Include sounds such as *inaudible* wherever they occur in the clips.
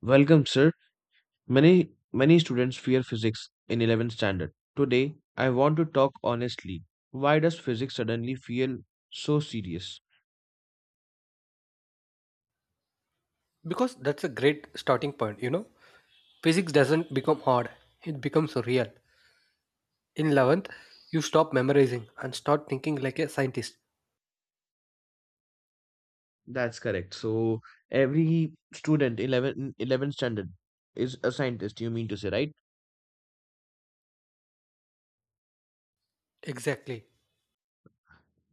Welcome, sir. Many students fear physics in 11th standard. Today, I want to talk honestly. Why does physics suddenly feel so serious? Because that's a great starting point, you know. Physics doesn't become hard, it becomes real. In 11th, you stop memorizing and start thinking like a scientist. That's correct. So every student eleventh standard is a scientist, you mean to say, right? Exactly.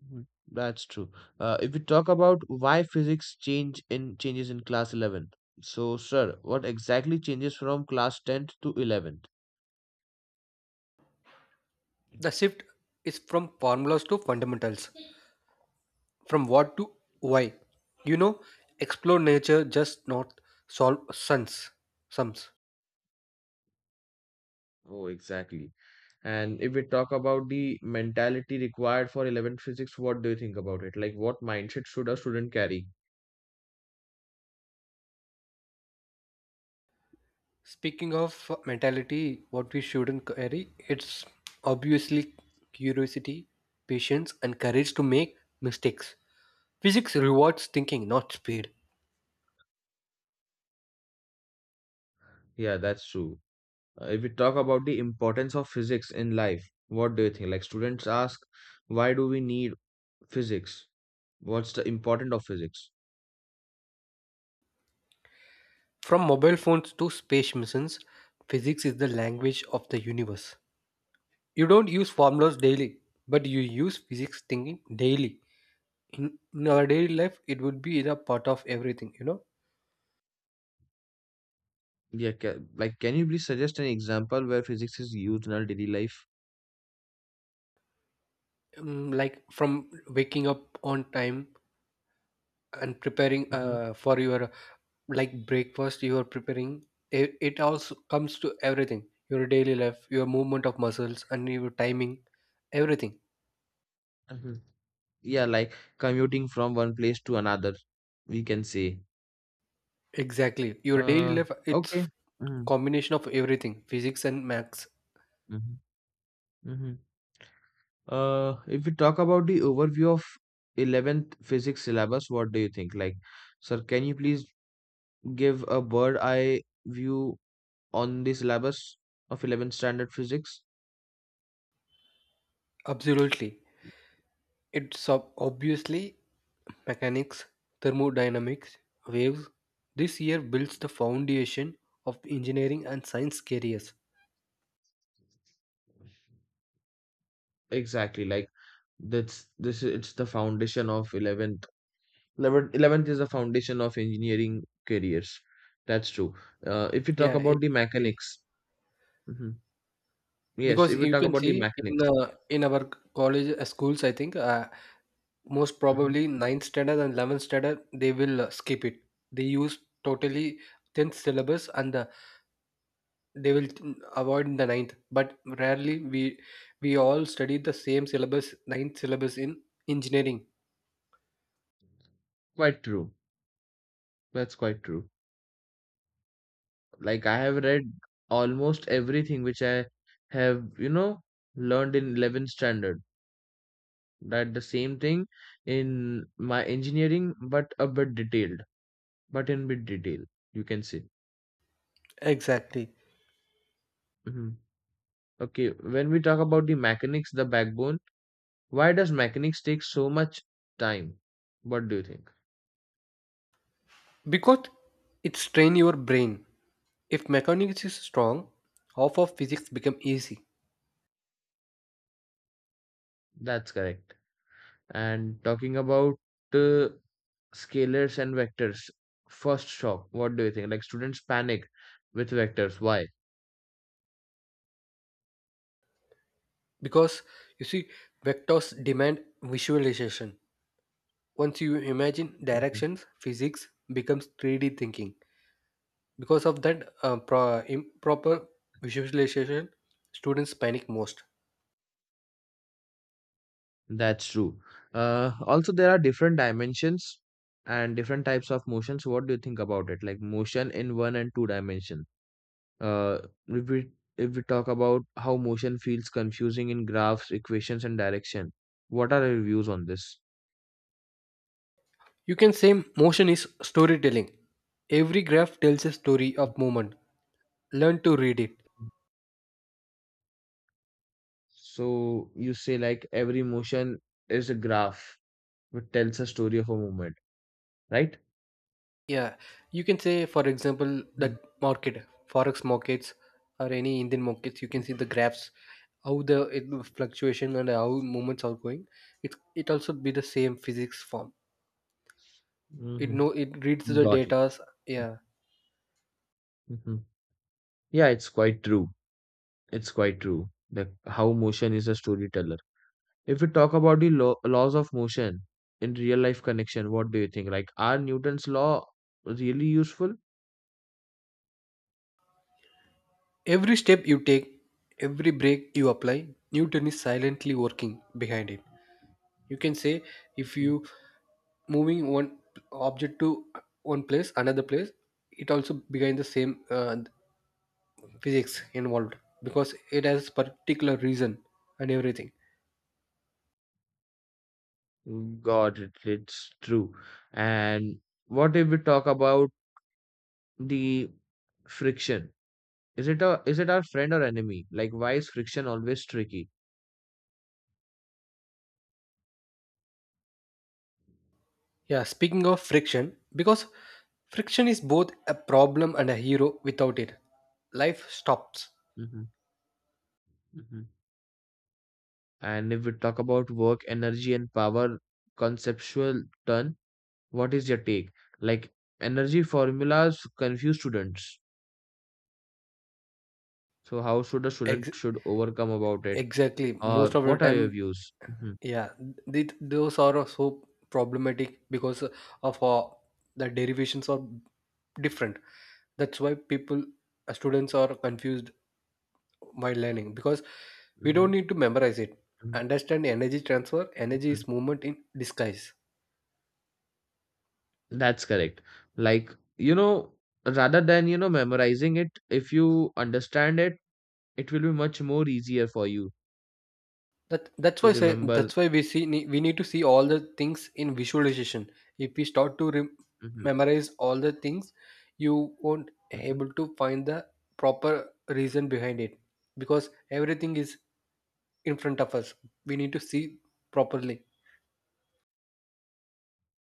Mhm. That's true. If we talk about why physics changes in class 11. So, sir, what exactly changes from class 10th to 11? The shift is from formulas to fundamentals, from what to why. You know, explore nature, just not solve sums. Oh, exactly. And if we talk about the mentality required for 11 physics, what do you think about it? Like, what mindset should a student carry? Speaking of mentality, what we shouldn't carry, it's obviously curiosity, patience, and courage to make mistakes. Physics rewards thinking, not speed. Yeah, that's true. If we talk about the importance of physics in life, what do you think? Like, students ask, why do we need physics? What's the importance of physics? From mobile phones to space missions, physics is the language of the universe. You don't use formulas daily, but you use physics thinking daily. In our daily life, it would be a part of everything, you know? Yeah, ca like, can you please suggest an example where physics is used in our daily life? Like from waking up on time and preparing Mm-hmm. For your like breakfast you are preparing it also comes to everything your daily life, your movement of muscles and your timing, everything. Hmm. Yeah, like commuting from one place to another, we can say. Exactly. Your daily Uh, life, it's okay. Mhm. combination of everything, physics and maths. Mhm, mhm. If we talk about the overview of 11th physics syllabus, what do you think? Like, sir, can you please give a bird eye view on the syllabus of 11th standard physics? Absolutely. It's obviously mechanics, thermodynamics, waves. This year builds the foundation of engineering and science careers. Exactly, like that's this is it's the foundation of 11th. 11th is the foundation of engineering careers. That's true. If you talk Yeah, about the exactly. mechanics, mhm, yes, Because if you you talk can about the see mechanics, in our college, schools, I think most mhm, probably ninth standard and 11th standard, they will skip it. They use totally tenth syllabus, and the they will avoid in the ninth, but rarely we all study the same syllabus, ninth syllabus in engineering. quite true. That's quite true. Like I have read almost everything which I have, learned in 11th standard. That the same thing in my engineering, but a bit detailed. But in bit detail, you can say. Exactly. Hmm. Okay, when we talk about the mechanics, the backbone, why does mechanics take so much time? What do you think? Because it strain your brain. If mechanics is strong, half of physics become easy. That's correct. And talking about uh, scalars and vectors, first shock, what do you think? Like students panic with vectors. Why? Because you see, vectors demand visualization. Once you imagine Mm-hmm. directions, physics becomes 3D thinking. Because of that improper visualization, students panic most. That's true. Also, there are different dimensions and different types of motions. What do you think about it? Like motion in one and two dimension. Uh, if we if we talk about how motion feels confusing in graphs, equations, and direction, what are your views on this? You can say motion is storytelling. Every graph tells a story of movement. Learn to read it. Mhm. So you say like every motion is a graph which tells a story of a movement, right? Yeah, you can say, for example, Mm-hmm. that market, forex markets, or any Indian markets. You can see the graphs, how the fluctuation and how movements are going. It it also be the same physics form. It know it reads the Got it. data's. Yeah, Hmm. Yeah, it's quite true. It's quite true. The how motion is a storyteller. If we talk about the laws of motion in real life connection, what do you think? Like, are Newton's law really useful? every step you take, every break you apply, Newton is silently working behind it. You can say if Mhm. you moving one object to one place another place, it also behind the same physics involved, because it has particular reason and everything. God, it's true. And what if we talk about the friction? Is it our friend or enemy? Like, why is friction always tricky? Yeah, speaking of friction, because friction is both a problem and a hero. Without it, life stops. Mhm. Mhm. And if we talk about work, energy, and power conceptual turn, what is your take? Like, energy formulas confuse students. So how should a student Ex- should overcome about it, exactly most or of the what are time. your views? Mhm, Yeah, those are so problematic because of the derivations are different. That's why people, students are confused while learning, because we mhm, don't need to memorize it. mhm, Understand energy transfer. Energy mhm. is movement in disguise. That's correct. Like, you know, rather than, memorizing it, if you understand it, it will be much more easier for you That that's to why say remember. that's why we we need to see all the things in visualization. If we start to rem Mhm, memorize all the things, you won't mhm. able to find the proper reason behind it, because everything is in front of us. We need to see properly.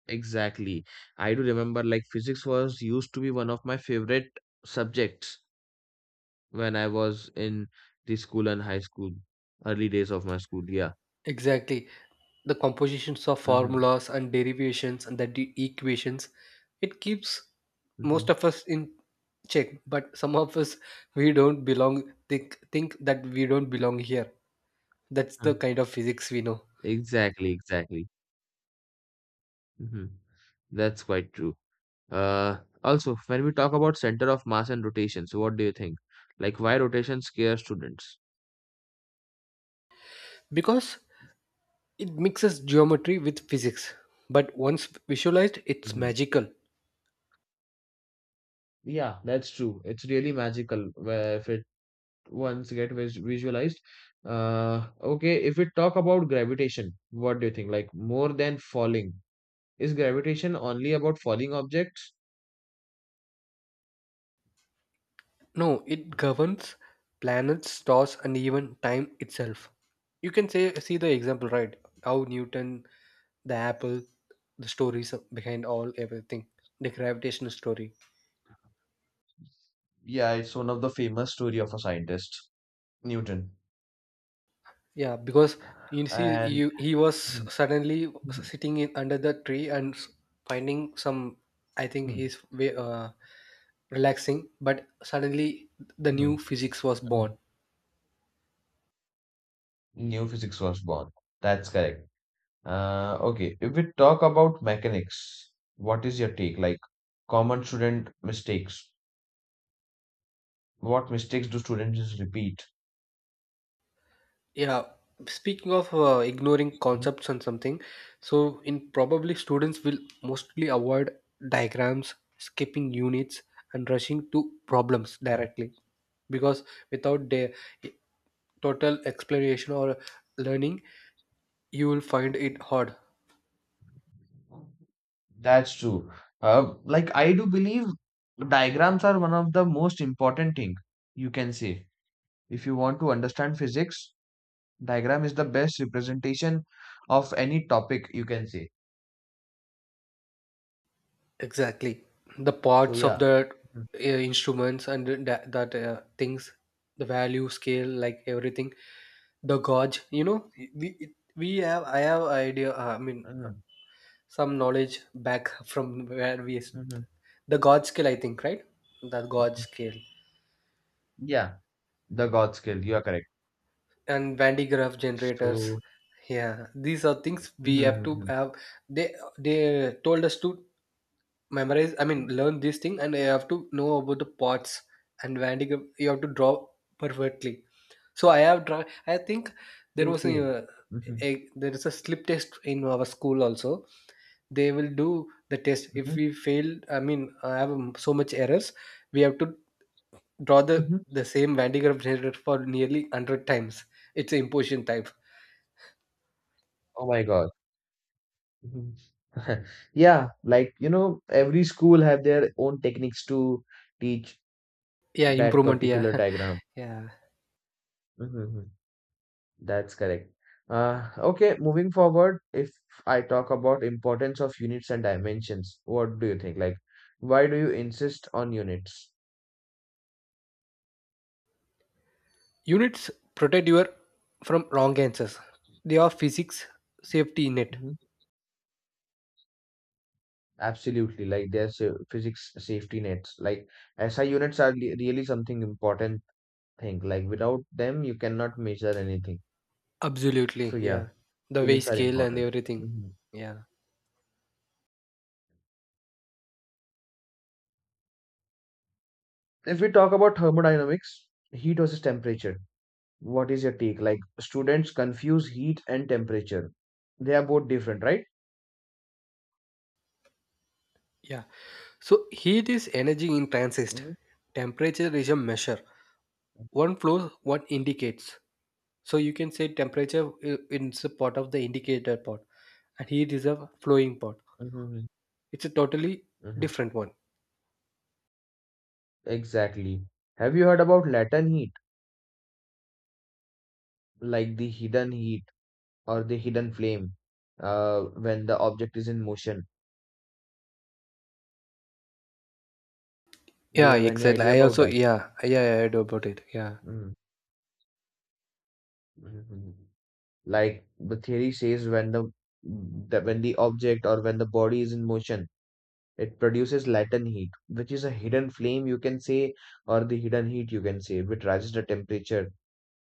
Exactly. I do remember like physics was used to be one of my favorite subjects when I was in the school and high school, early days of my school. Yeah. Exactly. The compositions of Hmm. formulas and derivations and the equations, it keeps Hmm. most of us in check. But some of us, we don't belong, think that we don't belong here. That's the kind of physics we know. Exactly, exactly. Mhm. That's quite true. Also, when we talk about center of mass and rotation, so what do you think? Like, why rotation scares students? Because it mixes geometry with physics. But once visualized, it's Hmm. magical. Yeah, that's true. It's really magical where if it once get visualized. Okay, if we talk about gravitation, what do you think? Like more than falling, is gravitation only about falling objects? No, it governs planets, stars, and even time itself. You can say see the example, right? How Newton, the apple, the stories behind all everything. The gravitational story. Yeah, it's one of the famous story of a scientist, Newton. Yeah, because you see, And you, he was mhm. suddenly Mhm. sitting in, under the tree and finding some. I think he's way, relaxing, but suddenly the Mhm. new physics was Mhm. born. New physics was born. That's correct. Okay, if we talk about mechanics, what is your take? Like common student mistakes. What mistakes do students repeat? Yeah, speaking of ignoring Mhm. concepts and something, so in probably students will mostly avoid diagrams, skipping units, and rushing to problems directly, because without the total exploration or learning, you will find it hard. That's true. Like I do believe diagrams are one of the most important thing you can say. If you want to understand physics, diagram is the best representation of any topic you can say. Exactly, the So parts of yeah. the Mhm. Instruments and the, that things, the value scale, like everything, the gorge, you know, we we have I have idea, I mean, Mhm. some knowledge back from where we, Mhm. the gorge scale, I think, right, the gorge Mhm. scale, Yeah, the God skill. You are correct. and Van de Graaff generators. So Yeah, these are things mhm, we have to mhm. have. They told us to memorize, I mean, learn this thing, and you have to know about the parts. And Van de Graaff, you have to draw perfectly. So I have draw, I think there was Okay. Mhm, a there is a slip test in our school also. They will do the test. If mhm, we fail, I mean, I have so much errors, we have to draw the mhm. the same van de graaff generator for nearly 100 times. It's an imposition type. Oh my God. Mhm. *laughs* Yeah, like every school have their own techniques to teach Yeah, that improvement, yeah. particular diagram. *laughs* Yeah, Mm-hmm. Mm-hmm. That's correct. Okay, moving forward, if I talk about importance of units and dimensions, what do you think? Like, why do you insist on units? units protect your from wrong answers. They are physics safety net. Mhm. Absolutely, like there's physics safety nets. Like SI units are really something important thing. Like without them, you cannot measure anything. Absolutely, So yeah. yeah, The way units are scale and important. everything. Mhm. Yeah. If we talk about thermodynamics, heat versus temperature, what is your take? Like students confuse heat and temperature. They are both different, right? Yeah, so heat is energy in transist, Mhm. temperature is a measure. One flows, what indicates. So you can say temperature is a part of the indicator part, and heat is a flowing part. Mhm. It's a totally Mhm. different one. Exactly. Have you heard about latent heat, like the hidden heat or the hidden flame, uh, when the object is in motion? Do you Yeah, have any exactly. idea I about also, that? yeah, yeah, yeah, I heard about it. Yeah. Mm-hmm. Like the theory says, when the object or when the body is in motion, it produces latent heat, which is a hidden flame, you can say, or the hidden heat, you can say, which rises the temperature.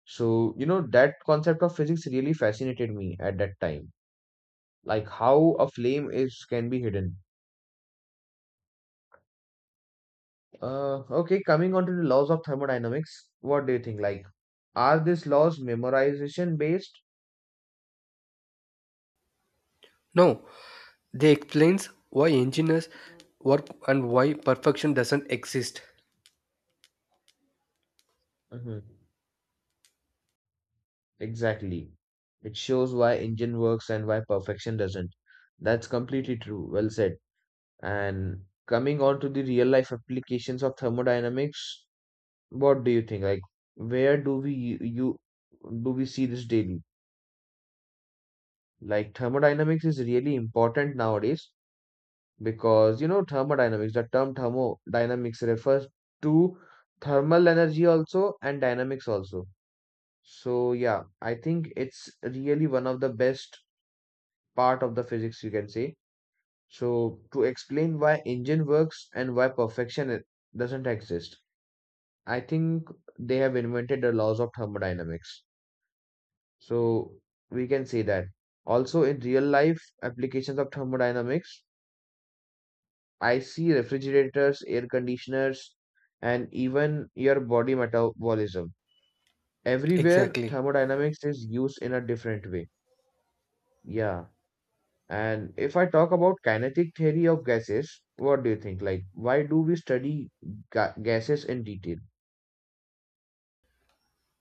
So, that concept of physics really fascinated me at that time. Like how a flame is can be hidden. Okay, coming on to the laws of thermodynamics, what do you think? Like, are these laws memorization based? No, they explains why engineers work and why perfection doesn't exist. Mhm. Exactly. It shows why engine works and why perfection doesn't. That's completely true. Well said. And coming on to the real life applications of thermodynamics, what do you think? Like, where do we you, you do we see this daily? Like, thermodynamics is really important nowadays because you know thermodynamics. The term thermodynamics refers to thermal energy also and dynamics also. So yeah, I think it's really one of the best part of the physics, you can say. So to explain why engine works and why perfection doesn't exist, I think they have invented the laws of thermodynamics. So we can say that also in real life applications of thermodynamics, I see refrigerators, air conditioners, and even your body metabolism. Everywhere Exactly. thermodynamics is used in a different way. Yeah. And if I talk about kinetic theory of gases, what do you think? Like, why do we study ga gases in detail?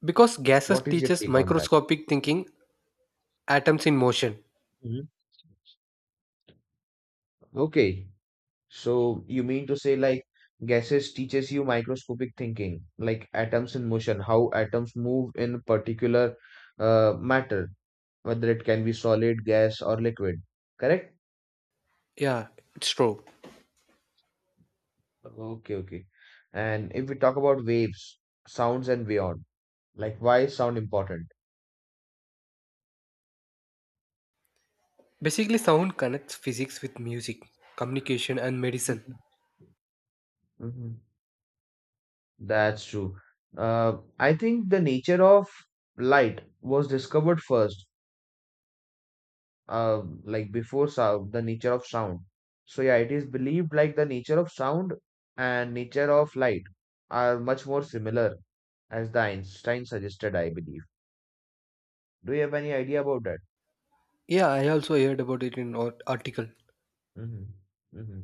Because gases What is your teaches take on that? microscopic thinking, atoms in motion. Mhm. Okay, so you mean to say like gases teaches you microscopic thinking, like atoms in motion, how atoms move in particular matter, whether it can be solid, gas, or liquid. Correct? Yeah, it's true. Okay, okay. And if we talk about waves, sounds, and beyond, like why is sound important? Basically, sound connects physics with music, communication, and medicine. Mhm. Mhm. That's true. I think the nature of light was discovered first, like before sound, the nature of sound. So yeah, it is believed like the nature of sound and nature of light are much more similar as the Einstein suggested, I believe. Do you have any idea about that? Yeah, I also heard about it in an article. Hmm. Hmm.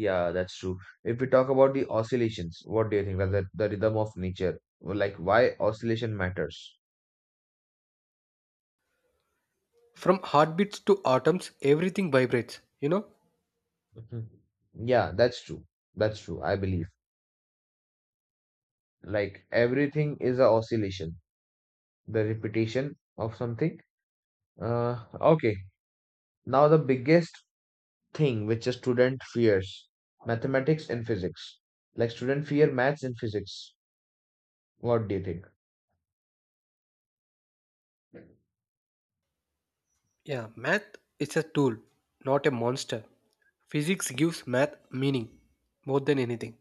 Yeah, that's true. If we talk about the oscillations, what do you think? Like the rhythm of nature, or like why oscillation matters? From heartbeats to atoms, everything vibrates, you know? Mhm. Yeah, that's true. That's true, I believe. Like everything is a oscillation, the repetition of something. Okay, now the biggest thing which a student fears, mathematics and physics. Like student fear maths and physics, what do you think? Yeah, math is a tool, not a monster. Physics gives math meaning more than anything.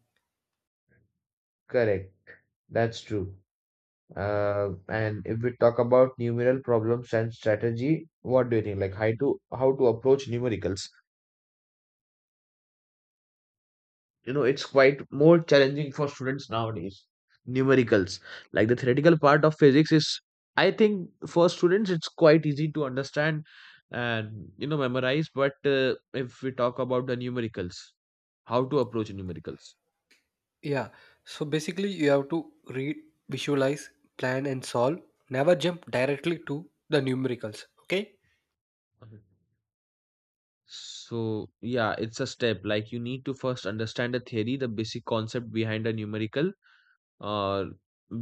Correct. That's true. And if we talk about numeral problems and strategy, what do you think? Like how to approach numericals. It's quite more challenging for students nowadays, numericals. Like the theoretical part of physics is, I think, for students, it's quite easy to understand and memorize, but if we talk about the numericals, how to approach numericals. Yeah, so basically, you have to read, visualize, plan, and solve. Never jump directly to the numericals, okay? Mhm. So yeah, it's a step. Like, you need to first understand the theory, the basic concept behind a numerical or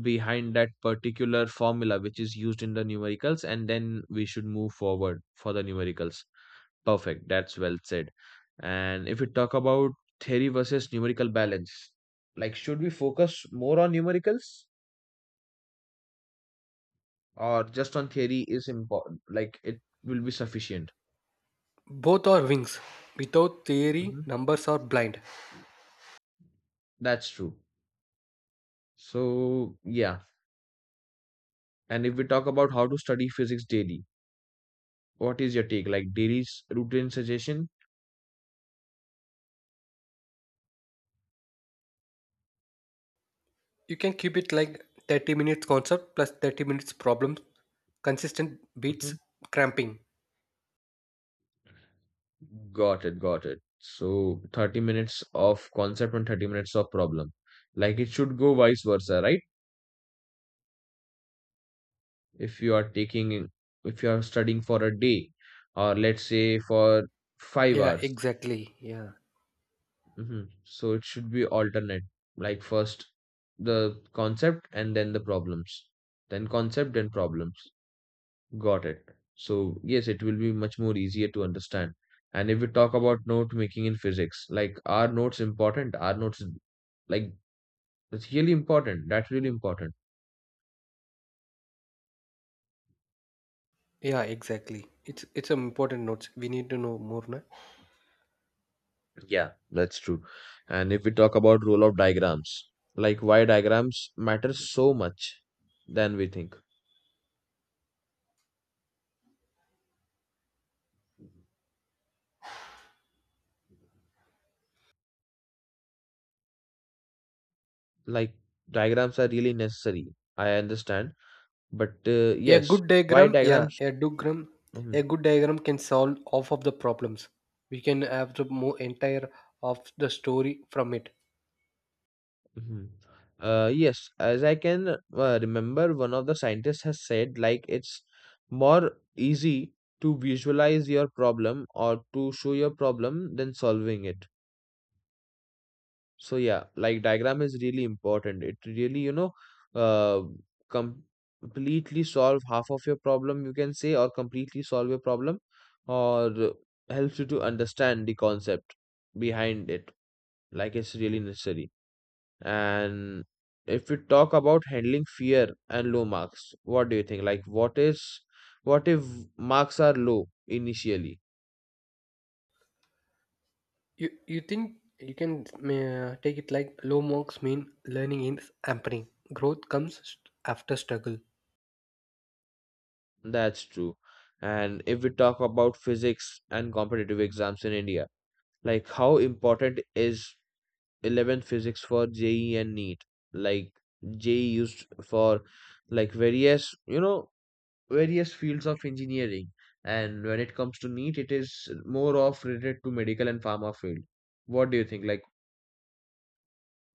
behind that particular formula which is used in the numericals, and then we should move forward for the numericals. Perfect. That's well said. And if we talk about theory versus numerical balance, like should we focus more on numericals or just on theory is important? Like it will be sufficient. Both are wings. Without theory, Mhm. numbers are blind. That's true. So yeah. And if we talk about how to study physics daily, what is your take? Like daily's routine suggestion? You can keep it like 30 minutes concept plus 30 minutes problems, consistent beats, Mhm. cramping. Got it, got it. So 30 minutes of concept and 30 minutes of problem. Like it should go vice versa, right? if you are taking if you are studying for a day, or let's say for five Yeah, hours exactly. Yeah. hmm, so it should be alternate. Like, first the concept and then the problems, then concept and problems. Got it. So yes, it will be much more easier to understand. And if we talk about note making in physics, like, are notes important? Are notes like, it's really important, that's really important. Yeah, exactly. It's some important notes. We need to know more. Na? Yeah, that's true. And if we talk about role of diagrams, like why diagrams matter so much than we think. Like diagrams are really necessary. I understand, but A yes, good why diagram, yeah, diagrams? a diagram, Mhm, a good diagram can solve half of the problems. We can have the more entire of the story from it. mhm. Yes, as I can remember, one of the scientists has said like it's more easy to visualize your problem or to show your problem than solving it. So yeah, like diagram is really important. It really, uh, completely solve half of your problem, you can say, or completely solve your problem, or helps you to understand the concept behind it. Like it's really necessary. And if we talk about handling fear and low marks, what do you think? Like, what is, what if marks are low initially? You think you can take it like low marks mean learning is happening. Growth comes after struggle. That's true. And if we talk about physics and competitive exams in India. Like, how important is 11 physics for JE and NEET? Like, JE used for like various, various fields of engineering. And when it comes to NEET, it is more of related to medical and pharma field. What do you think? Like,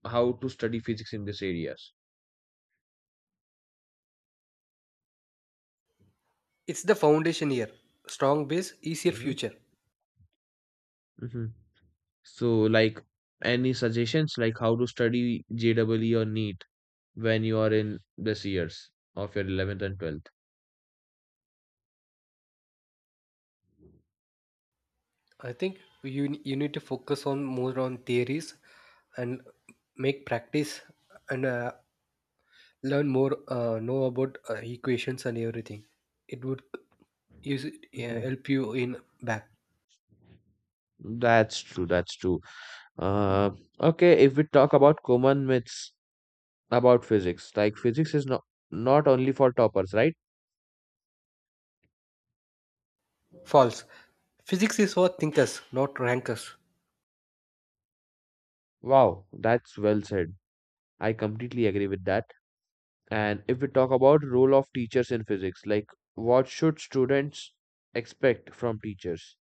how to study physics in these areas? It's the foundation here. Strong base, easier Hmm, future. hmm. So, like, any suggestions like how to study JEE or NEET when you are in this years of your 11th and 12th? I think you need to focus on more on theories, and make practice, and learn more, know about equations and everything. It would use it, Mhm. help you in back. That's true. That's true. Uh, okay, if we talk about common myths about physics, like physics is not only for toppers, right? False, physics is for thinkers, not rankers. Wow, that's well said. I completely agree with that. And if we talk about role of teachers in physics, like what should students expect from teachers?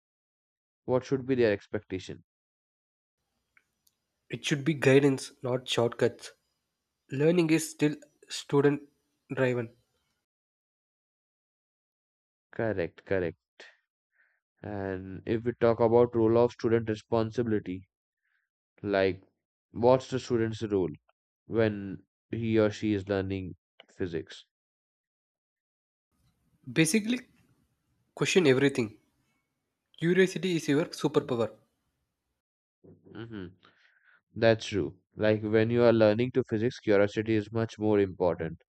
What should be their expectation? It should be guidance, not shortcuts. Learning is still student driven. Correct, correct. And if we talk about role of student responsibility, like what's the student's role when he or she is learning physics? Basically, question everything. Curiosity is your superpower. Mhm. That's true. Like when you are learning to physics, curiosity is much more important.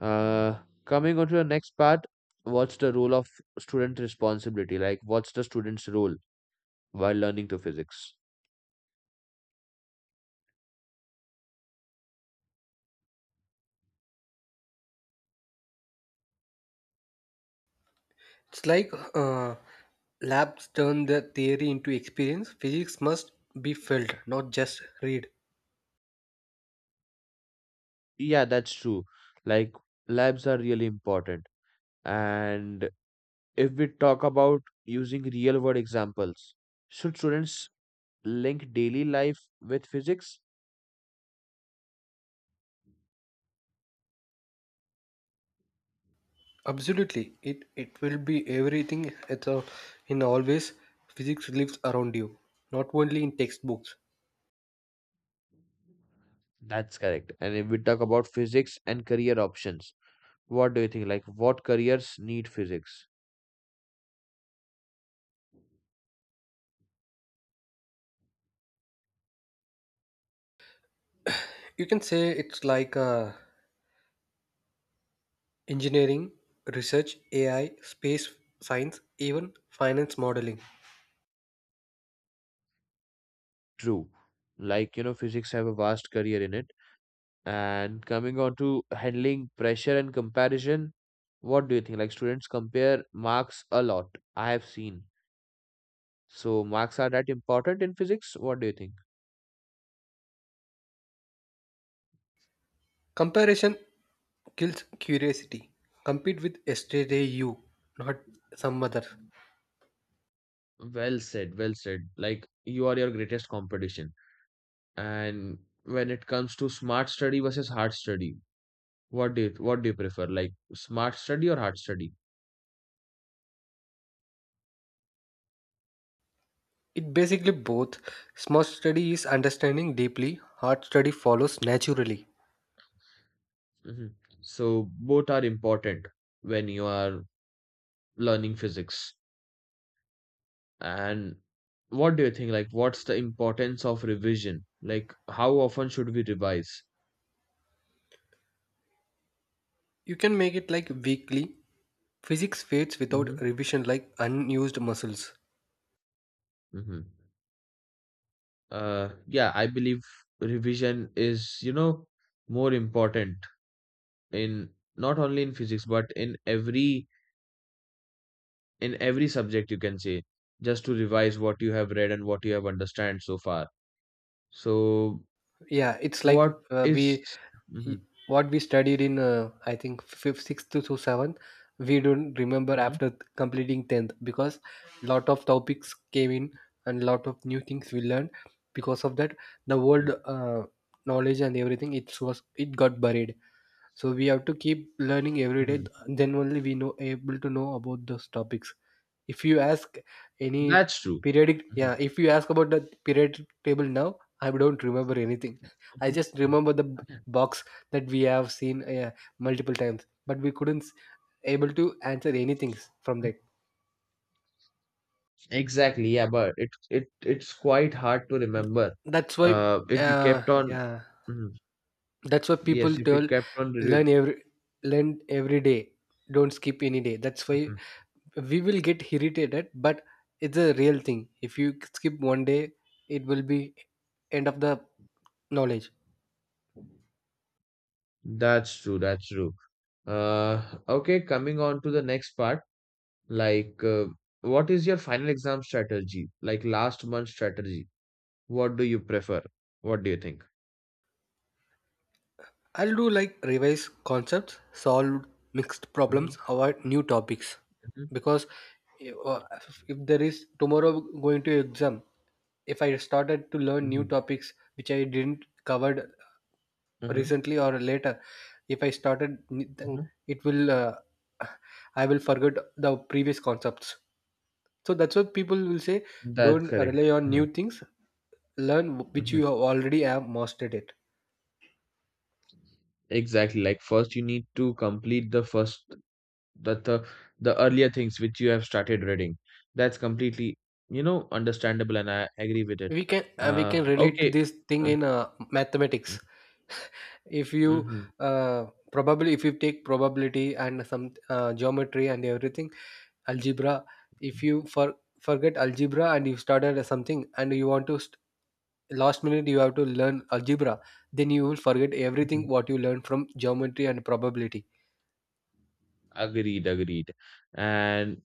Uh, Coming on to the next part, what's the role of student responsibility? Like, what's the student's role while learning to physics? It's like labs turn the theory into experience. Physics must be felt, not just read. Yeah, that's true. Like, labs are really important. And if we talk about using real world examples, should students link daily life with physics? Absolutely, it will be everything. It's a, in always physics lives around you, not only in textbooks. That's correct. And if we talk about physics and career options, what do you think? Like, what careers need physics? You can say it's like engineering, research, AI, space science, even finance modeling. True. Like, physics have a vast career in it. And coming on to handling pressure and comparison, what do you think? Like, students compare marks a lot. I have seen. So, marks are that important in physics? What do you think? Comparison kills curiosity. Compete with yesterday you, not some other. Well said, well said. Like you are your greatest competition. And when it comes to smart study versus hard study, what do you prefer? Like smart study or hard study? It basically both. Smart study is understanding deeply. Hard study follows naturally. Mhm. So both are important when you are learning physics. And what do you think? Like, what's the importance of revision? Like, how often should we revise? You can make it like weekly, physics fades without Mm-hmm. revision like unused muscles. Mm-hmm. Yeah, I believe revision is, more important in not only in physics but in every subject you can say, just to revise what you have read and what you have understand so far. So Yeah, it's like what is- we Mhm, what we studied in, I think fifth, sixth to seventh, we don't remember mhm, after completing 10th, because lot of topics came in and lot of new things we learned. Because of that, the mhm, world knowledge and everything, it was it got buried. So we have to keep learning every day, mhm. then only we know able to know about those topics. If you ask any That's true. periodic Mhm, yeah if you ask about the periodic table now, I don't remember anything. *laughs* I mhm. just remember the box that we have seen multiple times, but we couldn't able to answer anything from that. Exactly, yeah, but it's quite hard to Th- remember. that's why, If we uh, kept on, yeah, mhm, that's why people yes, if we tell, kept on, re- learn every learn every day, don't skip any day. That's why mhm. we will get irritated, but it's a real thing. If you skip one day, it will be end of the knowledge. That's true, that's true. Okay, coming on to the next part, like, what is your final exam strategy? Like last month strategy. What do you prefer? What do you think? I'll do like revise concepts, solve mixed Mm-hmm, problems, avoid new topics, because eh, uh, if there is tomorrow going to exam, if I started to learn new hmm, topics which I didn't covered hmm. recently or later, if I started, then it will I will forget the previous concepts. So that's what people will say. That's Don't rely correct. on Mhm, new things. Learn which you mhm. have already have mastered it. Exactly. Like first you need to complete the first the the, the earlier things which you have started reading. That's completely, you know, understandable and I agree with it. We can uh, we can relate Okay. this thing Uh, in mathematics. If you Mm-hmm. uh, probably, if you take probability and some geometry and everything, algebra. If you forget algebra and you started something and you want to last minute you have to learn algebra, then you will forget everything Mhm. what you learned from geometry and probability. Agreed, agreed. And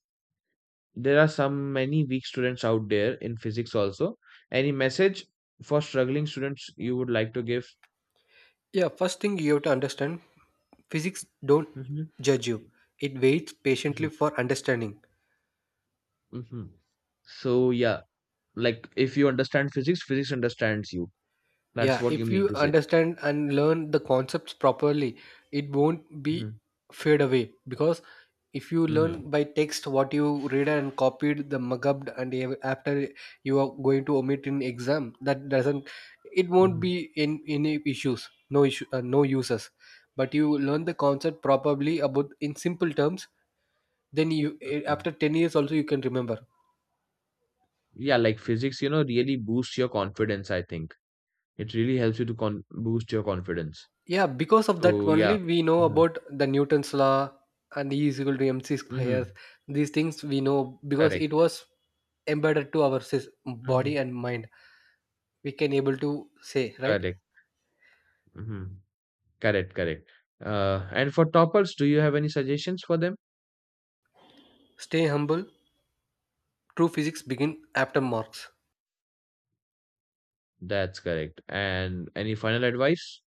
there are some many weak students out there in physics also. Any message for struggling students you would like to give? Yeah, first thing you have to understand, physics don't Hmm, judge you. It waits hmm, patiently for understanding. hmm. So yeah, like if you understand physics, physics understands you. That's Yeah, what you if mean you to say. understand and learn the concepts properly, it won't be Mhm, fade away. Because if you mhm, learn by text what you read and copied the mugged and after you are going to omit in exam, that doesn't, it won't mhm, be in any issues, no issue, no uses. But you learn the concept properly about in simple terms, then you mhm. after 10 years also you can remember. Yeah, like physics, you know, really boosts your confidence, I think. It really helps you to con boost your confidence. Yeah, because of that So, yeah. only we know Hmm, about the Newton's law and e is equal to mc hmm. square. These things we know because it Correct. was embedded to our Hmm. body and mind. We can able to say, right? Correct. Hmm. Correct, correct. And for toppers, do you have any suggestions for them? Stay humble. True physics begin after marks. That's correct. And any final advice?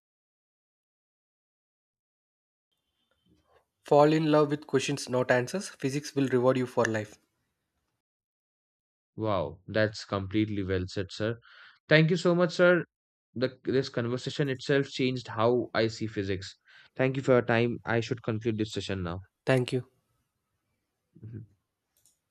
Fall in love with questions, not answers. Physics will reward you for life. Wow, that's completely well said, sir. Thank you so much, sir. This conversation itself changed how I see physics. Thank you for your time. I should conclude this session now. Thank you. Mhm.